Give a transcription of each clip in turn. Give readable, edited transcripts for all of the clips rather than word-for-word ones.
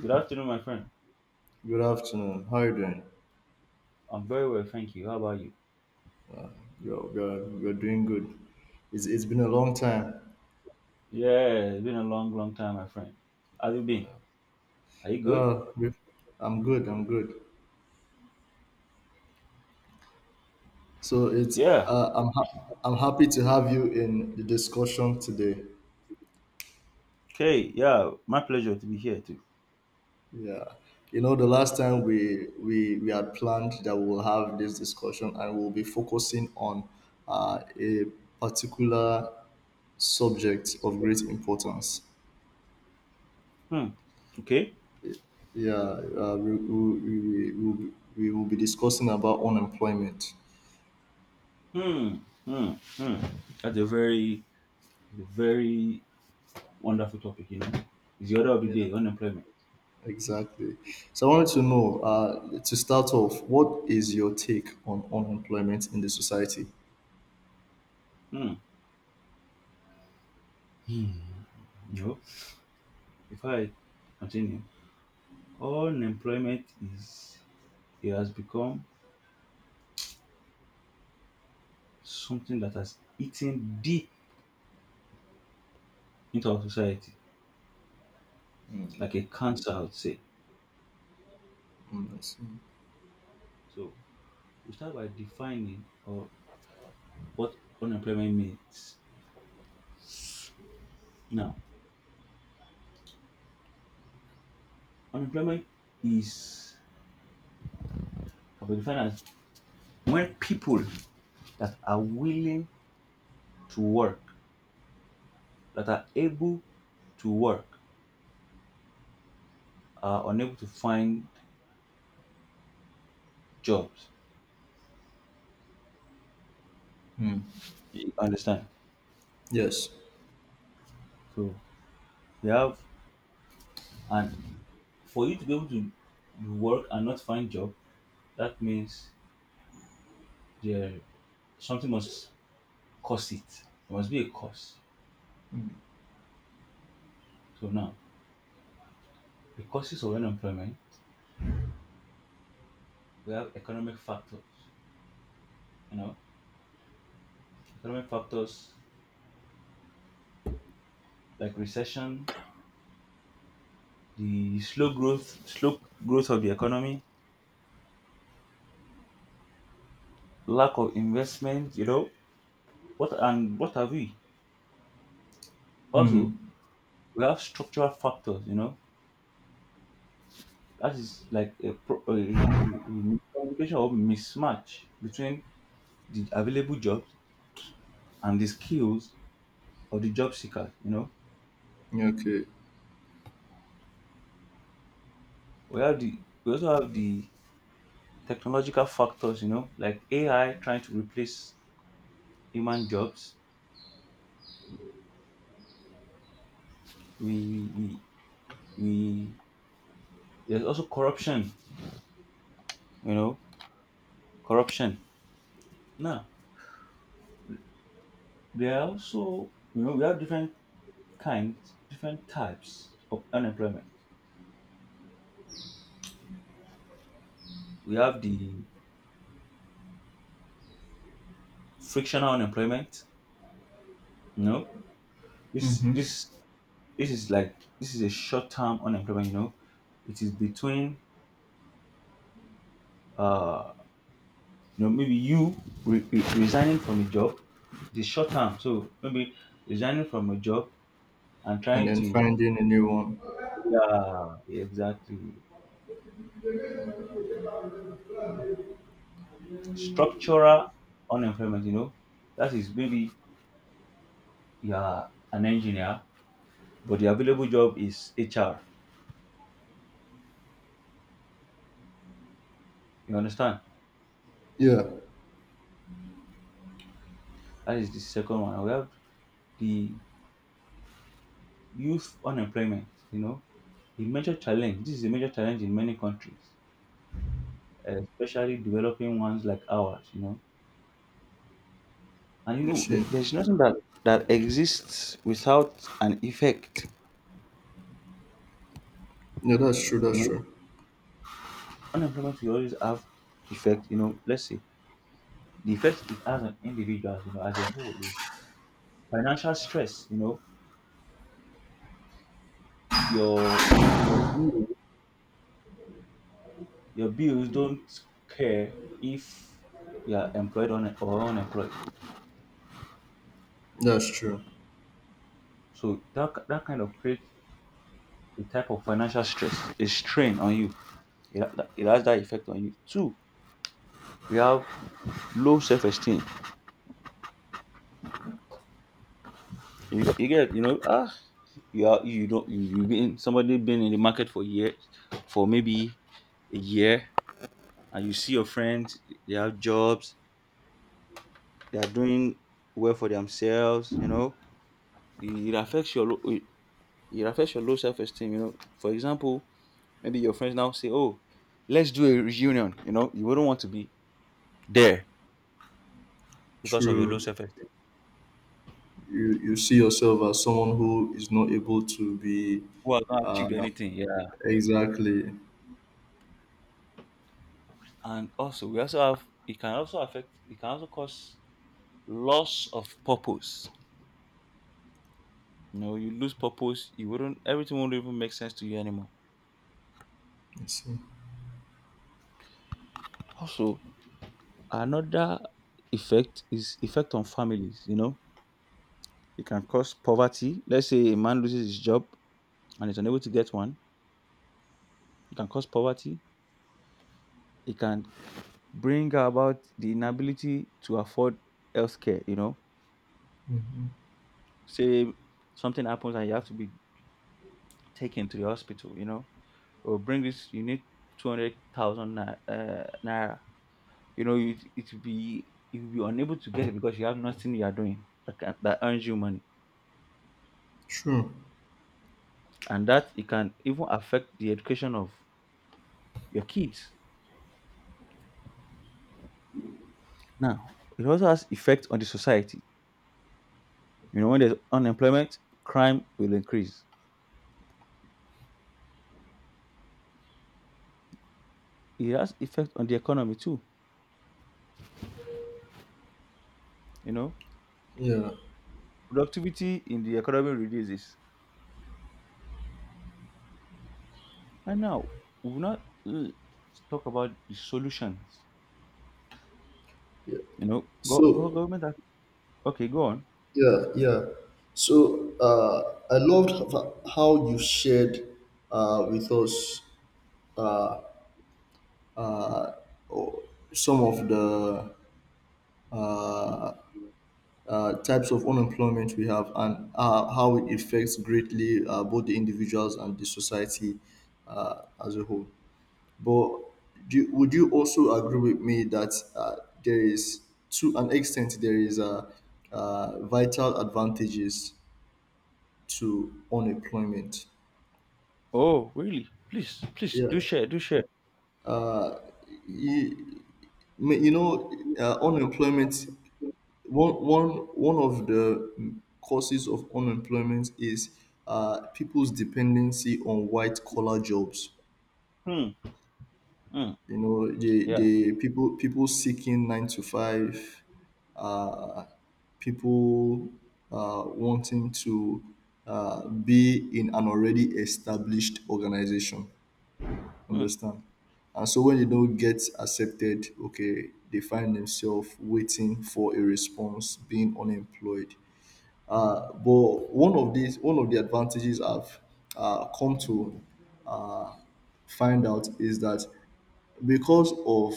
Good afternoon, my friend. Good afternoon. How are you doing? I'm very well, thank you. How about you? Oh God, we're doing good. It's been a long time. Yeah, it's been a long, long time, my friend. How you been? Are you good? Oh, we- I'm good. I'm good. So it's Yeah. I'm happy to have you in the discussion today. Okay. Yeah, my pleasure to be here too. Yeah, you know the last time we had planned that we will have this discussion, and we'll be focusing on a particular subject of great importance. Hmm. Okay. Yeah, uh, we, we, we, we, we will be discussing about unemployment. Hmm. Hmm. Hmm. That's a very wonderful topic. You know, it's the order of the Yeah, day, unemployment. exactly. So I wanted to know, to start off, what is your take on unemployment in the society? Hmm. Hmm. You know, if I continue, unemployment is it has become something that has eaten deep into our society, like a cancer, I would say. Mm, I see. So we start by defining, or what unemployment means. Now, unemployment is can be defined as when people that are willing to work, that are able to work, are unable to find jobs. You understand? Yes. So you have and for you to be able to do work and not find job, that means there something must cause it. There must be a cause. So now, the causes of unemployment, we have economic factors. You know, economic factors like recession, the slow growth of the economy, lack of investment. You know, what and what have we? Also, we have structural factors. You know, that is like a, pro- a miscommunication or mismatch between the available jobs and the skills of the job seekers. You know, Yeah, okay. we also have the technological factors. You know, like AI trying to replace human jobs. We we we There's also corruption, you know. Corruption. Now, there are also, you know, we have different types of unemployment. We have the frictional unemployment. You know, this this this is a short-term unemployment. You know, it is between, uh you know, maybe you resigning from a job, the short term. So maybe resigning from a job and And trying then to, finding a new one. yeah, exactly. Structural unemployment, you know, that is maybe you are an engineer, but the available job is HR. You understand? Yeah. That is the second one. We have the youth unemployment, you know, a major challenge. This is a major challenge in many countries, especially developing ones like ours, you know. And you You know, there- see. there's nothing that exists without an effect. Yeah, that's true. You That's know, true. unemployment will always have effect, you know. Let's say the effect it has on individuals, you know, as a whole is financial stress. You know, your your bill your bills don't care if you are employed on or unemployed. That's true. So that that kind of creates a type of financial stress, a strain on you. It has that effect on you two. We have low self-esteem. You get, you know, you are, you don't, you been somebody been in the market for maybe a year, and you see your friends, they have jobs, they are doing well for themselves, you know. It, it affects your lo- it, it affects your low self esteem, you know. For example, maybe your friends now say, "Oh, let's do a reunion," you know. You wouldn't want to be there because of your low True. self esteem. You see yourself as someone who is not able to be, Who has not achieved uh, anything, yeah. exactly. And also, we also have it can also cause loss of purpose. You know, you lose purpose, you wouldn't, everything won't even make sense to you anymore. I see. Also, another effect is effect on families, you know. It can cause poverty. Let's say a man loses his job and is unable to get one. It can cause poverty. It can bring about the inability to afford healthcare. You know, say something happens and you have to be taken to the hospital. You know, or bring this. You need 200,000 naira. You know, it will be you will be unable to get it because you have nothing you are doing that earns you money, True. and that it can even affect the education of your kids. Now, it also has effect on the society. You know, when there's unemployment, crime will increase. It has effect on the economy too. You know, Yeah. productivity in the economy reduces. And now, we will not talk about the solutions. Yeah. You know, go, go So. government has, okay, go on. Yeah, yeah. So I loved how you shared, with us, some of the uh, types of unemployment we have, and how it affects greatly both the individuals and the society as a whole. But would you also agree with me that there is, to an extent, there is vital advantages to unemployment? Oh, really? Please, please do share, do share. Yeah. You know, unemployment. One of the causes of unemployment is people's dependency on white collar jobs. Hmm. Hmm. You know, Yeah. the people seeking nine to five, uh, people wanting to be in an already established organization. Hmm. Understand. And so when they don't get accepted, okay, they find themselves waiting for a response, being unemployed. But one of these, one of the advantages I've come to find out is that because of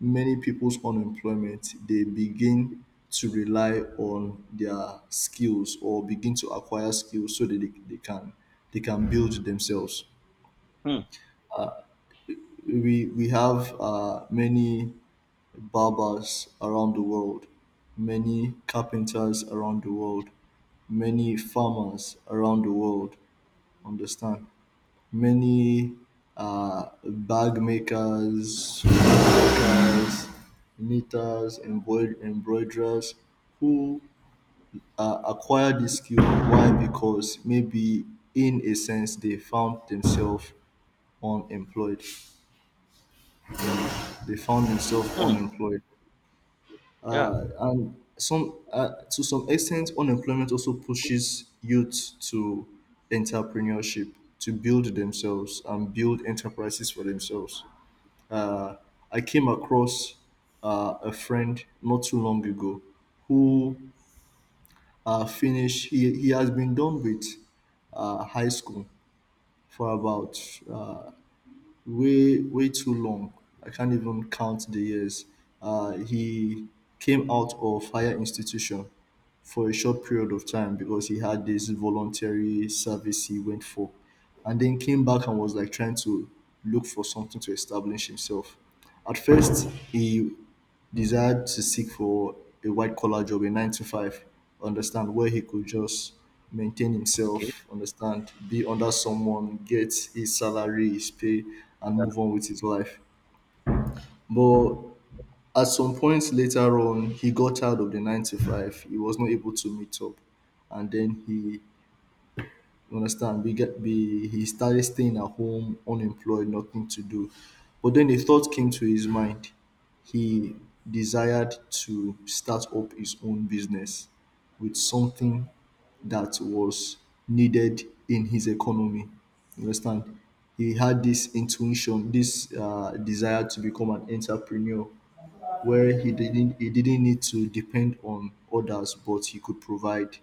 many people's unemployment, they begin to rely on their skills or begin to acquire skills so that they can they can build themselves. Hmm. We have many barbers around the world, many carpenters around the world, many farmers around the world. Understand? Many bag makers, knitters, embroiderers who acquire this skill. Why? Because maybe in a sense they found themselves unemployed. You know, they found themselves Hmm. unemployed. Yeah. Some, to some extent, unemployment also pushes youth to entrepreneurship, to build themselves and build enterprises for themselves. I came across a friend not too long ago who he has been done with high school for about way, way too long. I can't even count the years. He came out of higher institution for a short period of time because he had this voluntary service he went for, and then came back and was like trying to look for something to establish himself. At first, he desired to seek for a white collar job, a nine to five, understand, where he could just maintain Okay. himself, understand, be under someone, get his salary, his pay, and Yeah. move on with his life. But at some point later on, he got tired of the 9 to 5. He was not able to meet up. And then he, you understand? We get we he started staying at home, unemployed, nothing to do. But then a thought came to his mind. He desired to start up his own business with something that was needed in his economy. You understand? He had this intuition, this desire to become an entrepreneur, where he didn't need to depend on others, but he could provide,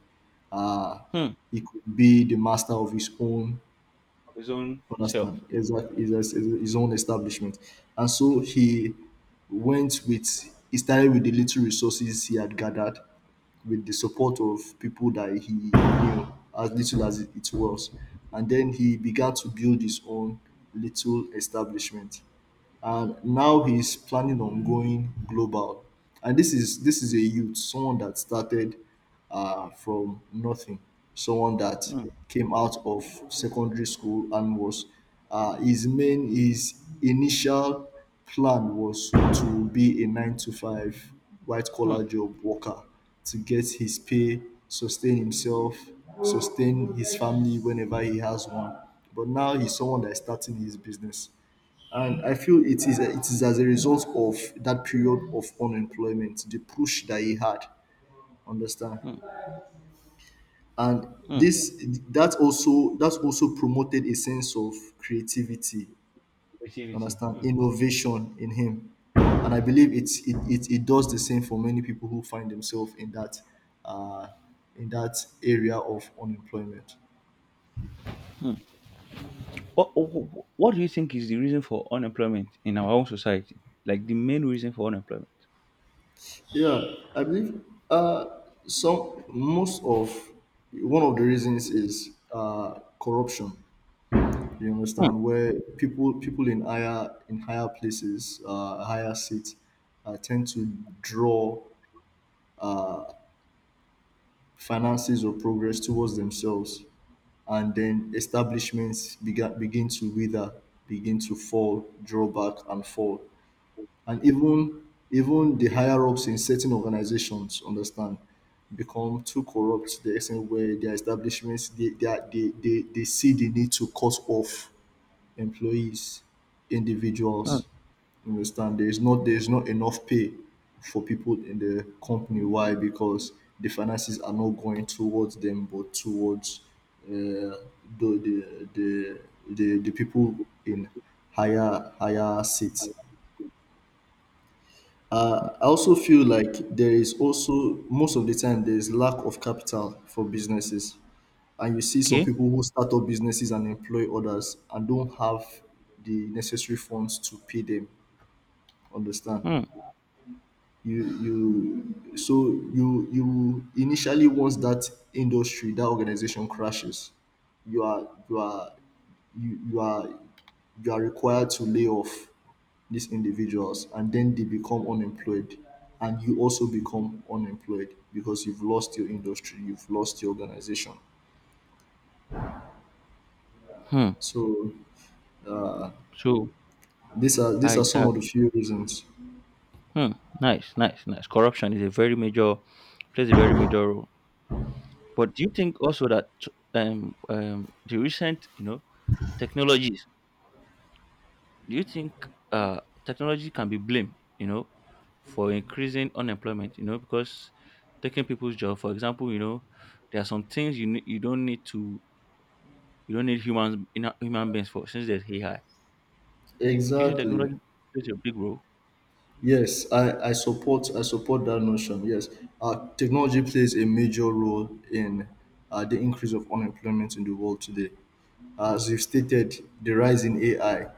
uh, Hmm. he could be the master of his own, Of his own self. understand, exactly, his own establishment. And so he started with the little resources he had gathered, with the support of people that he knew, as little as it was, and then he began to build his own little establishment, and now he's planning on going global. And this is a youth, someone that started from nothing, someone that Hmm. came out of secondary school and was, his initial plan was to be a nine to five white Hmm. collar job worker, to get his pay, sustain himself, sustain his family whenever he has one. But now he's someone that is starting his business, and I feel it is, it is as a result of that period of unemployment, the push that he had, understand? Hmm. And Hmm. this that also promoted a sense of creativity, Creativity. understand, Hmm. innovation in him. And I believe it does the same for many people who find themselves in that, uh, in that area of unemployment. Hmm. What do you think is the reason for unemployment in our own society? Like the main reason for unemployment? Yeah, I believe, uh, some most of one of the reasons is corruption. You Hmm, understand, where people in higher places, higher seats, tend to draw finances or progress towards themselves, and then establishments begin to wither, begin to fall, draw back and fall. And even Even the higher ups in certain organizations, understand, become too corrupt to the extent where their establishments they see the need to cut off employees, hmm, individuals. You understand, there is not, enough pay for people in the company. Why? Because the finances are not going towards them, but towards uh, the, the the the people in higher seats. hmm. I also feel like there is also, most of the time, there is lack of capital for businesses, and you see some Okay. people who start up businesses and employ others and don't have the necessary funds to pay them. Understand? Hmm. You you so you you initially, once that industry, that organization crashes, you are you are you you are you are required to lay off these individuals, and then they become unemployed, and you also become unemployed, because you've lost your industry, you've lost your organization. Hmm. So So these are I. Some of the few reasons. Hmm. Nice. Nice. Nice. Corruption is a very major, plays a very major role. But do you think also that the recent, you know, technologies? Do you think technology can be blamed, you know, for increasing unemployment? You know, because taking people's job, for example, you know, there are some things you you don't need to. We don't need humans in human beings for since there's AI. Do you think Exactly. technology plays a big role? Yes, I support that notion. Yes, technology plays a major role in the increase of unemployment in the world today. As you've stated, the rise in AI,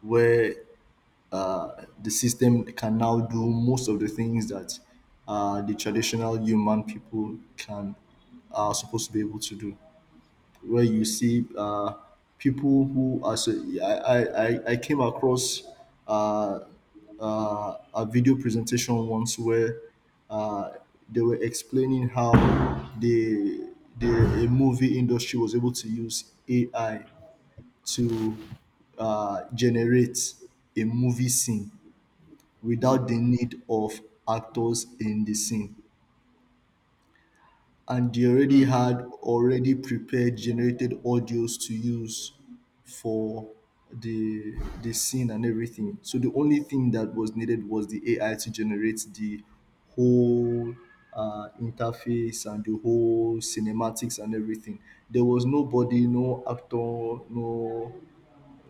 where the system can now do most of the things that the traditional human people can, are supposed to be able to do. Where you see people who are so I came across uh, a video presentation once where uh, they were explaining how the the movie industry was able to use AI to generate a movie scene Hmm. without the need of actors in the scene. And they already Hmm. had already prepared generated audios to use for the the scene and everything. So the only thing that was needed was the AI to generate the whole, interface and the whole cinematics and everything. There was nobody, no actor, no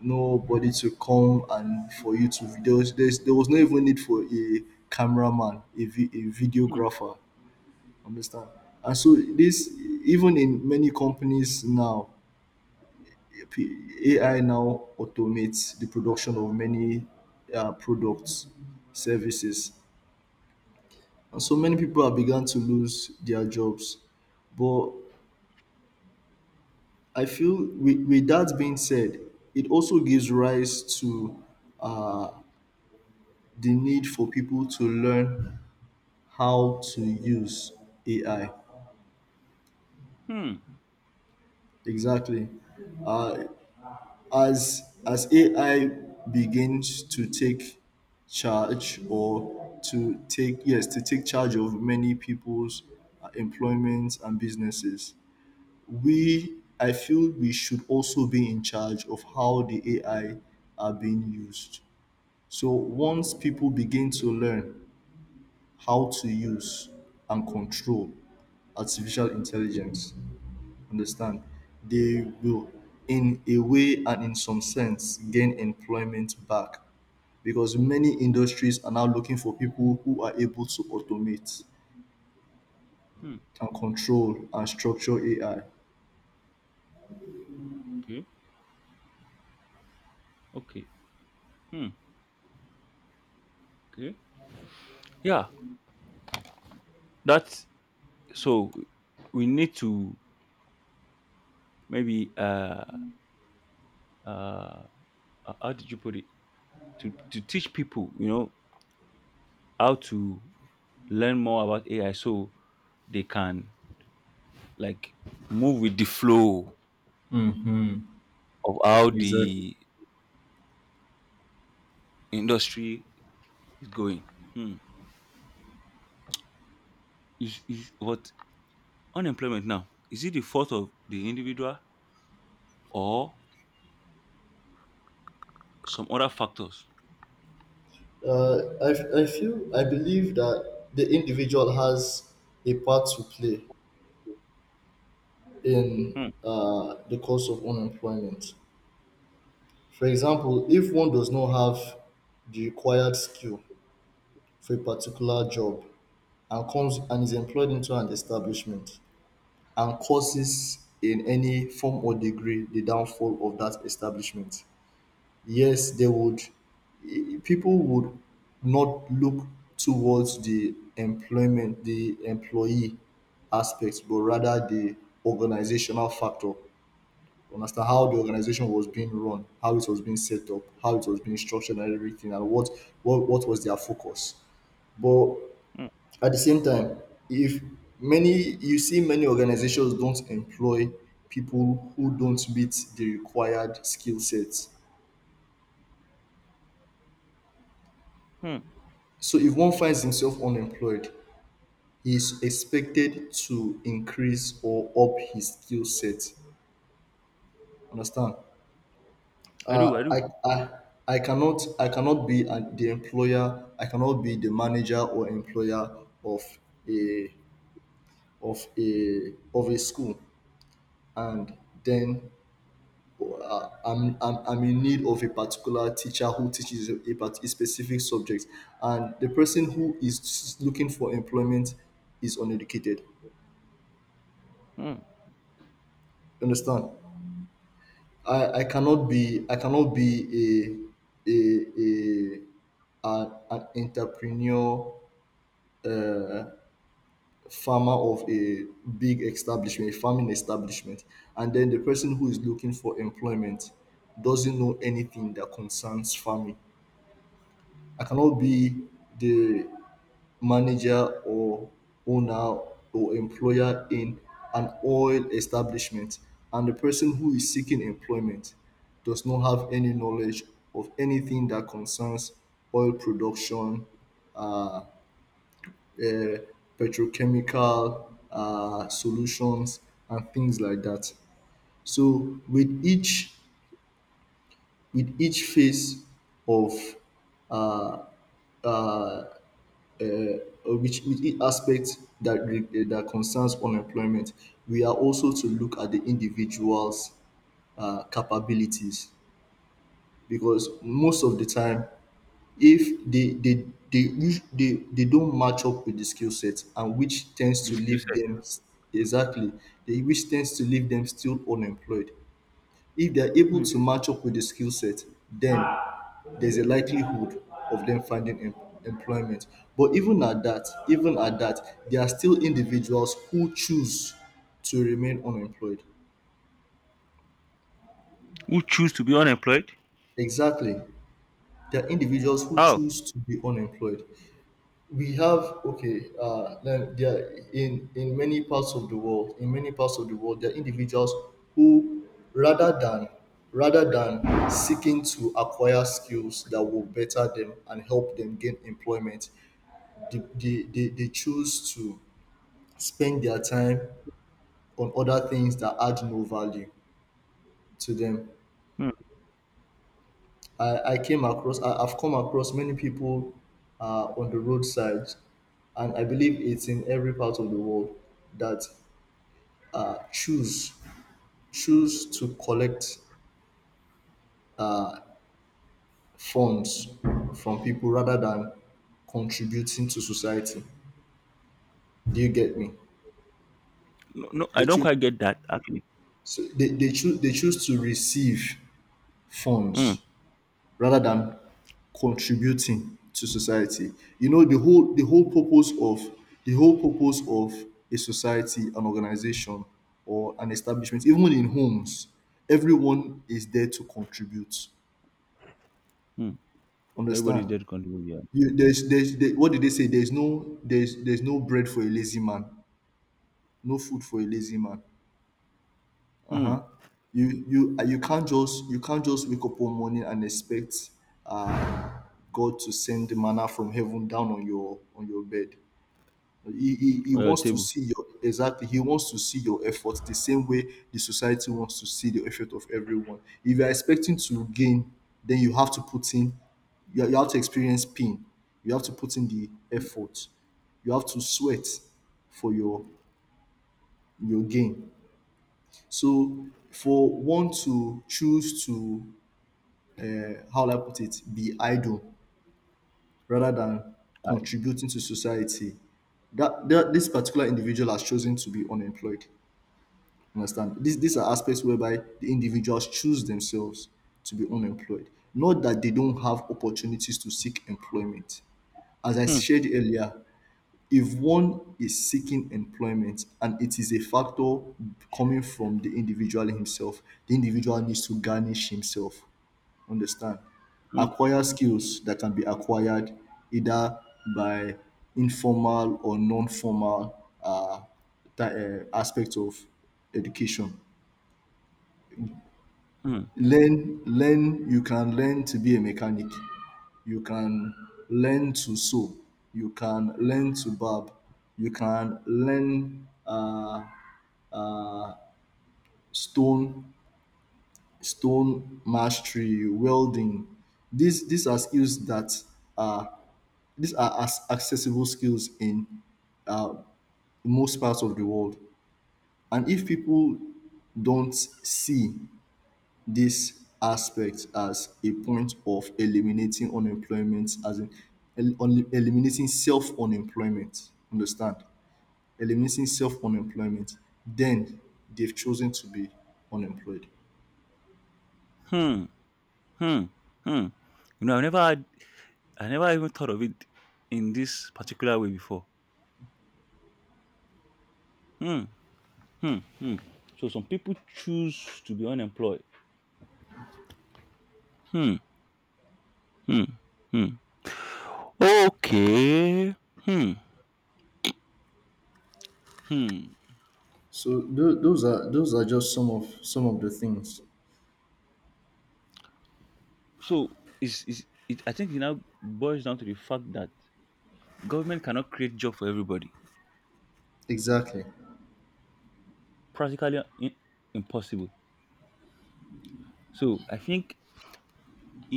nobody to come, and for you to there was, there was no even need for a cameraman, a Hmm. videographer. Understand? And so this, even in many companies now, AI now automates the production of many products, services, and so many people have begun to lose their jobs. But I feel, with that being said, it also gives rise to uh, the need for people to learn how to use AI. Hmm. Exactly. Uh, as AI begins to take charge, or to take, yes, to take charge of many people's employment and businesses, we I feel we should also be in charge of how the AI are being used. So once people begin to learn how to use and control artificial intelligence, understand, they will, in a way and in some sense, gain employment back, because many industries are now looking for people who are able to automate Hmm. and control and structure AI. Okay. Okay. Hmm. Okay. Yeah. That's, so we need to maybe uh how did you put it, to teach people, you know, how to learn more about AI so they can, like, move with the flow of how Exactly. the industry is going. Hmm. Is what Unemployment now, is it the fault of the individual or some other factors? I feel, I believe that the individual has a part to play in Hmm, the cause of unemployment. For example, if one does not have the required skill for a particular job, and comes and is employed into an establishment, and causes in any form or degree the downfall of that establishment, yes, they would, people would not look towards the employment the employee aspects, but rather the organizational factor, to understand how the organization was being run, how it was being set up, how it was being structured and everything, and what, what was their focus. But hmm, at the same time, if many you see many organizations don't employ people who don't meet the required skill sets. hmm. So if one finds himself unemployed, he is expected to increase or up his skill set. Understand? I do, I I, do. I, I cannot, I cannot be, the employer. I cannot be the manager or employer of a of a school, and then I'm in need of a particular teacher who teaches a specific subject, and the person who is looking for employment is uneducated. Hmm. You understand? I cannot be I cannot be a a a an entrepreneur farmer of a big establishment, a farming establishment, and then the person who is looking for employment doesn't know anything that concerns farming. I cannot be the manager or owner or employer in an oil establishment, and the person who is seeking employment does not have any knowledge of anything that concerns oil production, uh, petrochemical solutions and things like that. So with each phase of uh, uh, which with each aspect that concerns unemployment, we are also to look at the individual's capabilities, because most of the time, if they they us- they don't match up with the skill set, and which tends The to skill leave set. them exactly. they Which tends to leave them still unemployed. If they are able Hmm. to match up with the skill set, then there's a likelihood of them finding employment. But even at that, there are still individuals who choose to remain unemployed. Who choose to be unemployed? Exactly, there are individuals who How? choose to be unemployed. We have Okay. Then there are in many parts of the world, there are individuals who rather than rather than seeking to acquire skills that will better them and help them gain employment. They choose to spend their time on other things that add no value to them. Hmm. I've come across many people on the roadside, and I believe it's in every part of the world, that uh, choose choose to collect funds from people rather than contributing to society. Do you get me? No, no, I They don't choose, quite get that actually. They choose to receive Hmm. funds rather than contributing to society. You know, the whole purpose of a society, an organization, or an establishment, even in homes, everyone is there to contribute. Hmm. Everybody's Understand? there to contribute, yeah. You, there's, there, what did they say? There's no bread for a lazy man, no food for a lazy man. Uh huh. Hmm. You can't just wake up one morning and expect uh, God to send the manna from heaven down on on your bed. He On your wants to table. see your exactly. He wants to see your effort the same way the society wants to see the effort of everyone. If you're expecting to gain, then you have to put in. You have to experience pain. You have to put in the effort. You have to sweat for your gain. So for one to choose to, how will I put it, be idle rather than I, contributing to society, that this particular individual has chosen to be unemployed. Understand? These are aspects whereby the individuals choose themselves to be unemployed. Not that they don't have opportunities to seek employment. As I hmm. shared earlier, if one is seeking employment and it is a factor coming from the individual himself, the individual needs to garnish himself. Understand? Hmm. Acquire skills that can be acquired either by informal or non formal aspects of education. Hmm. Learn, you can learn to be a mechanic, you can learn to sew, you can learn to barb, you can learn, stone stone mastery, welding. these these are skills that are these are as accessible skills in uh, most parts of the world, and if people don't see this aspect as a point of eliminating unemployment, as in eliminating self unemployment, understand, eliminating self unemployment, then they've chosen to be unemployed. Hmm. Hmm. Hmm. You know, I never had, I never even thought of it in this particular way before. Hmm. Hmm. Hmm. So some people choose to be unemployed. Hmm. Hmm, hmm. Okay. Hmm, hmm. So those are just some of the things. So is it? I think it now boils down to the fact that government cannot create job for everybody. Exactly. Practically impossible. So I think,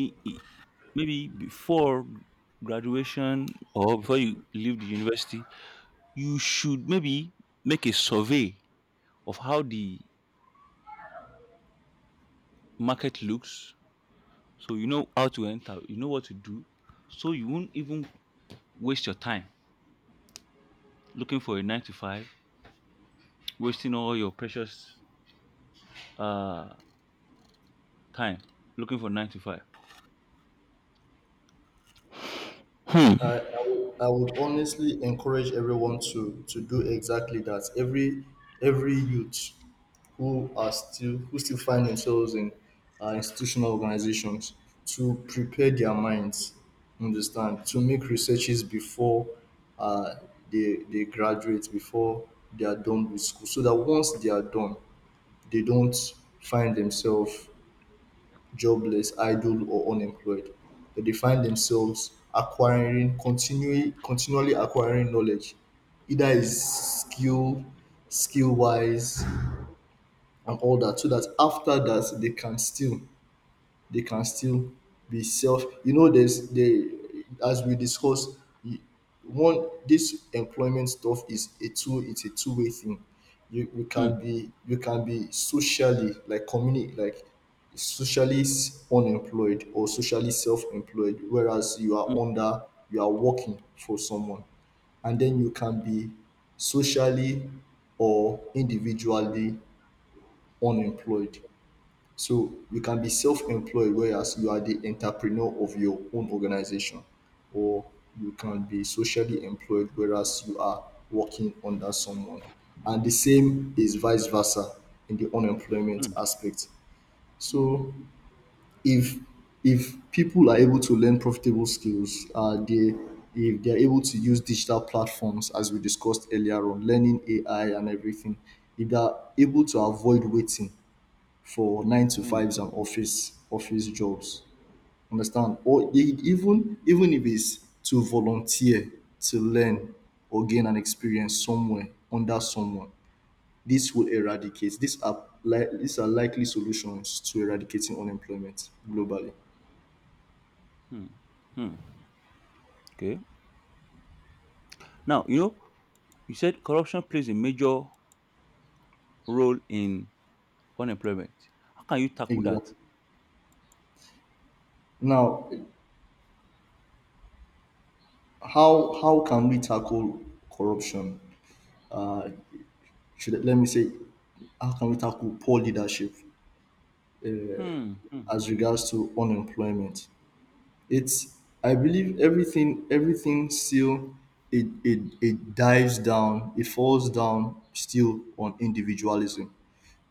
I maybe before graduation or before you leave the university, you should maybe make a survey of how the market looks, so you know how to enter, you know what to do, so you won't even waste your time looking for a nine to five, wasting all your precious uh time looking for nine to five. Hmm. I would honestly encourage everyone to do exactly that. Every youth who still find themselves in institutional organizations, to prepare their minds, understand, to make researches before uh, they graduate, before they are done with school, so that once they are done, they don't find themselves jobless, idle, or unemployed. They define themselves acquiring, continually acquiring knowledge, either is skill wise and all that, so that after that they can still be self. There's the as we discussed y- one This employment stuff is a two it's a two-way thing. You Mm, can be, socially, like community, like unemployed, or socially self-employed, whereas you mm, are under, you are working for someone. And then you can be socially or individually unemployed. So you can be self-employed, whereas you are the entrepreneur of your own organization, or you can be socially employed, whereas you are working under someone. And the same is vice versa in the unemployment mm, aspect. So if if people are able to learn profitable skills, they if they are able to use digital platforms as we discussed earlier on, learning AI and everything, if they are able to avoid waiting for nine to mm, fives and office jobs. Understand? Or even if it's to volunteer, to learn, or gain an experience somewhere under someone. This will eradicate. These are likely solutions to eradicating unemployment globally. mm, mm. Okay. Now, you know, you said corruption plays a major role in unemployment. How can you tackle that? Exactly. Now, how can we tackle corruption? Let me say, how can we tackle poor leadership Hmm. Hmm. as regards to unemployment? It's I believe everything still, it falls down still on individualism.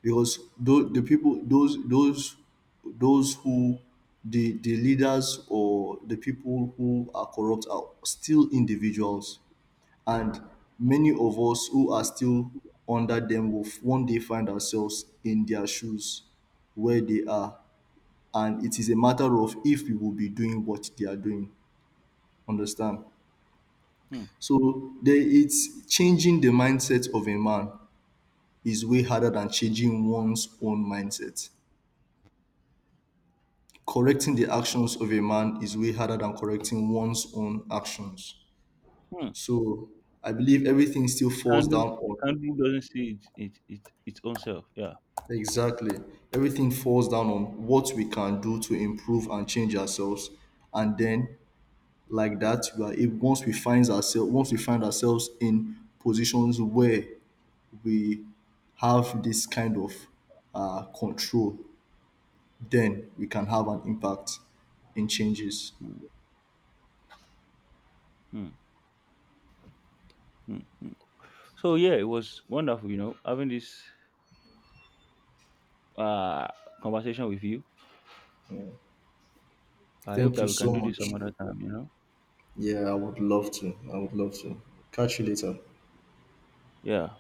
Because those the people those who, the leaders or the people who are corrupt, are still individuals, and many of us who are still under them will one day find ourselves in their shoes where they are, and it is a matter of if we will be doing what they are doing. Understand. Hmm. So there it's changing the mindset of a man is way harder than changing one's own mindset. Correcting Hmm. the actions of a man is way harder than correcting one's own actions. Hmm. So I believe everything still falls Candle, down the on... candle doesn't see it, its own self. Yeah. Exactly. Everything falls down on what we can do to improve and change ourselves. And then, like that, we are able, once we find ourselves, in positions where we have this kind of control, then we can have an impact in changes. Hmm. Hmm. So, yeah, it was wonderful, you know, having this uh, conversation with you. I hope Thank that you we can so do this some much. other time, you know. Yeah, I would love to. I would love to. Catch you later. Yeah.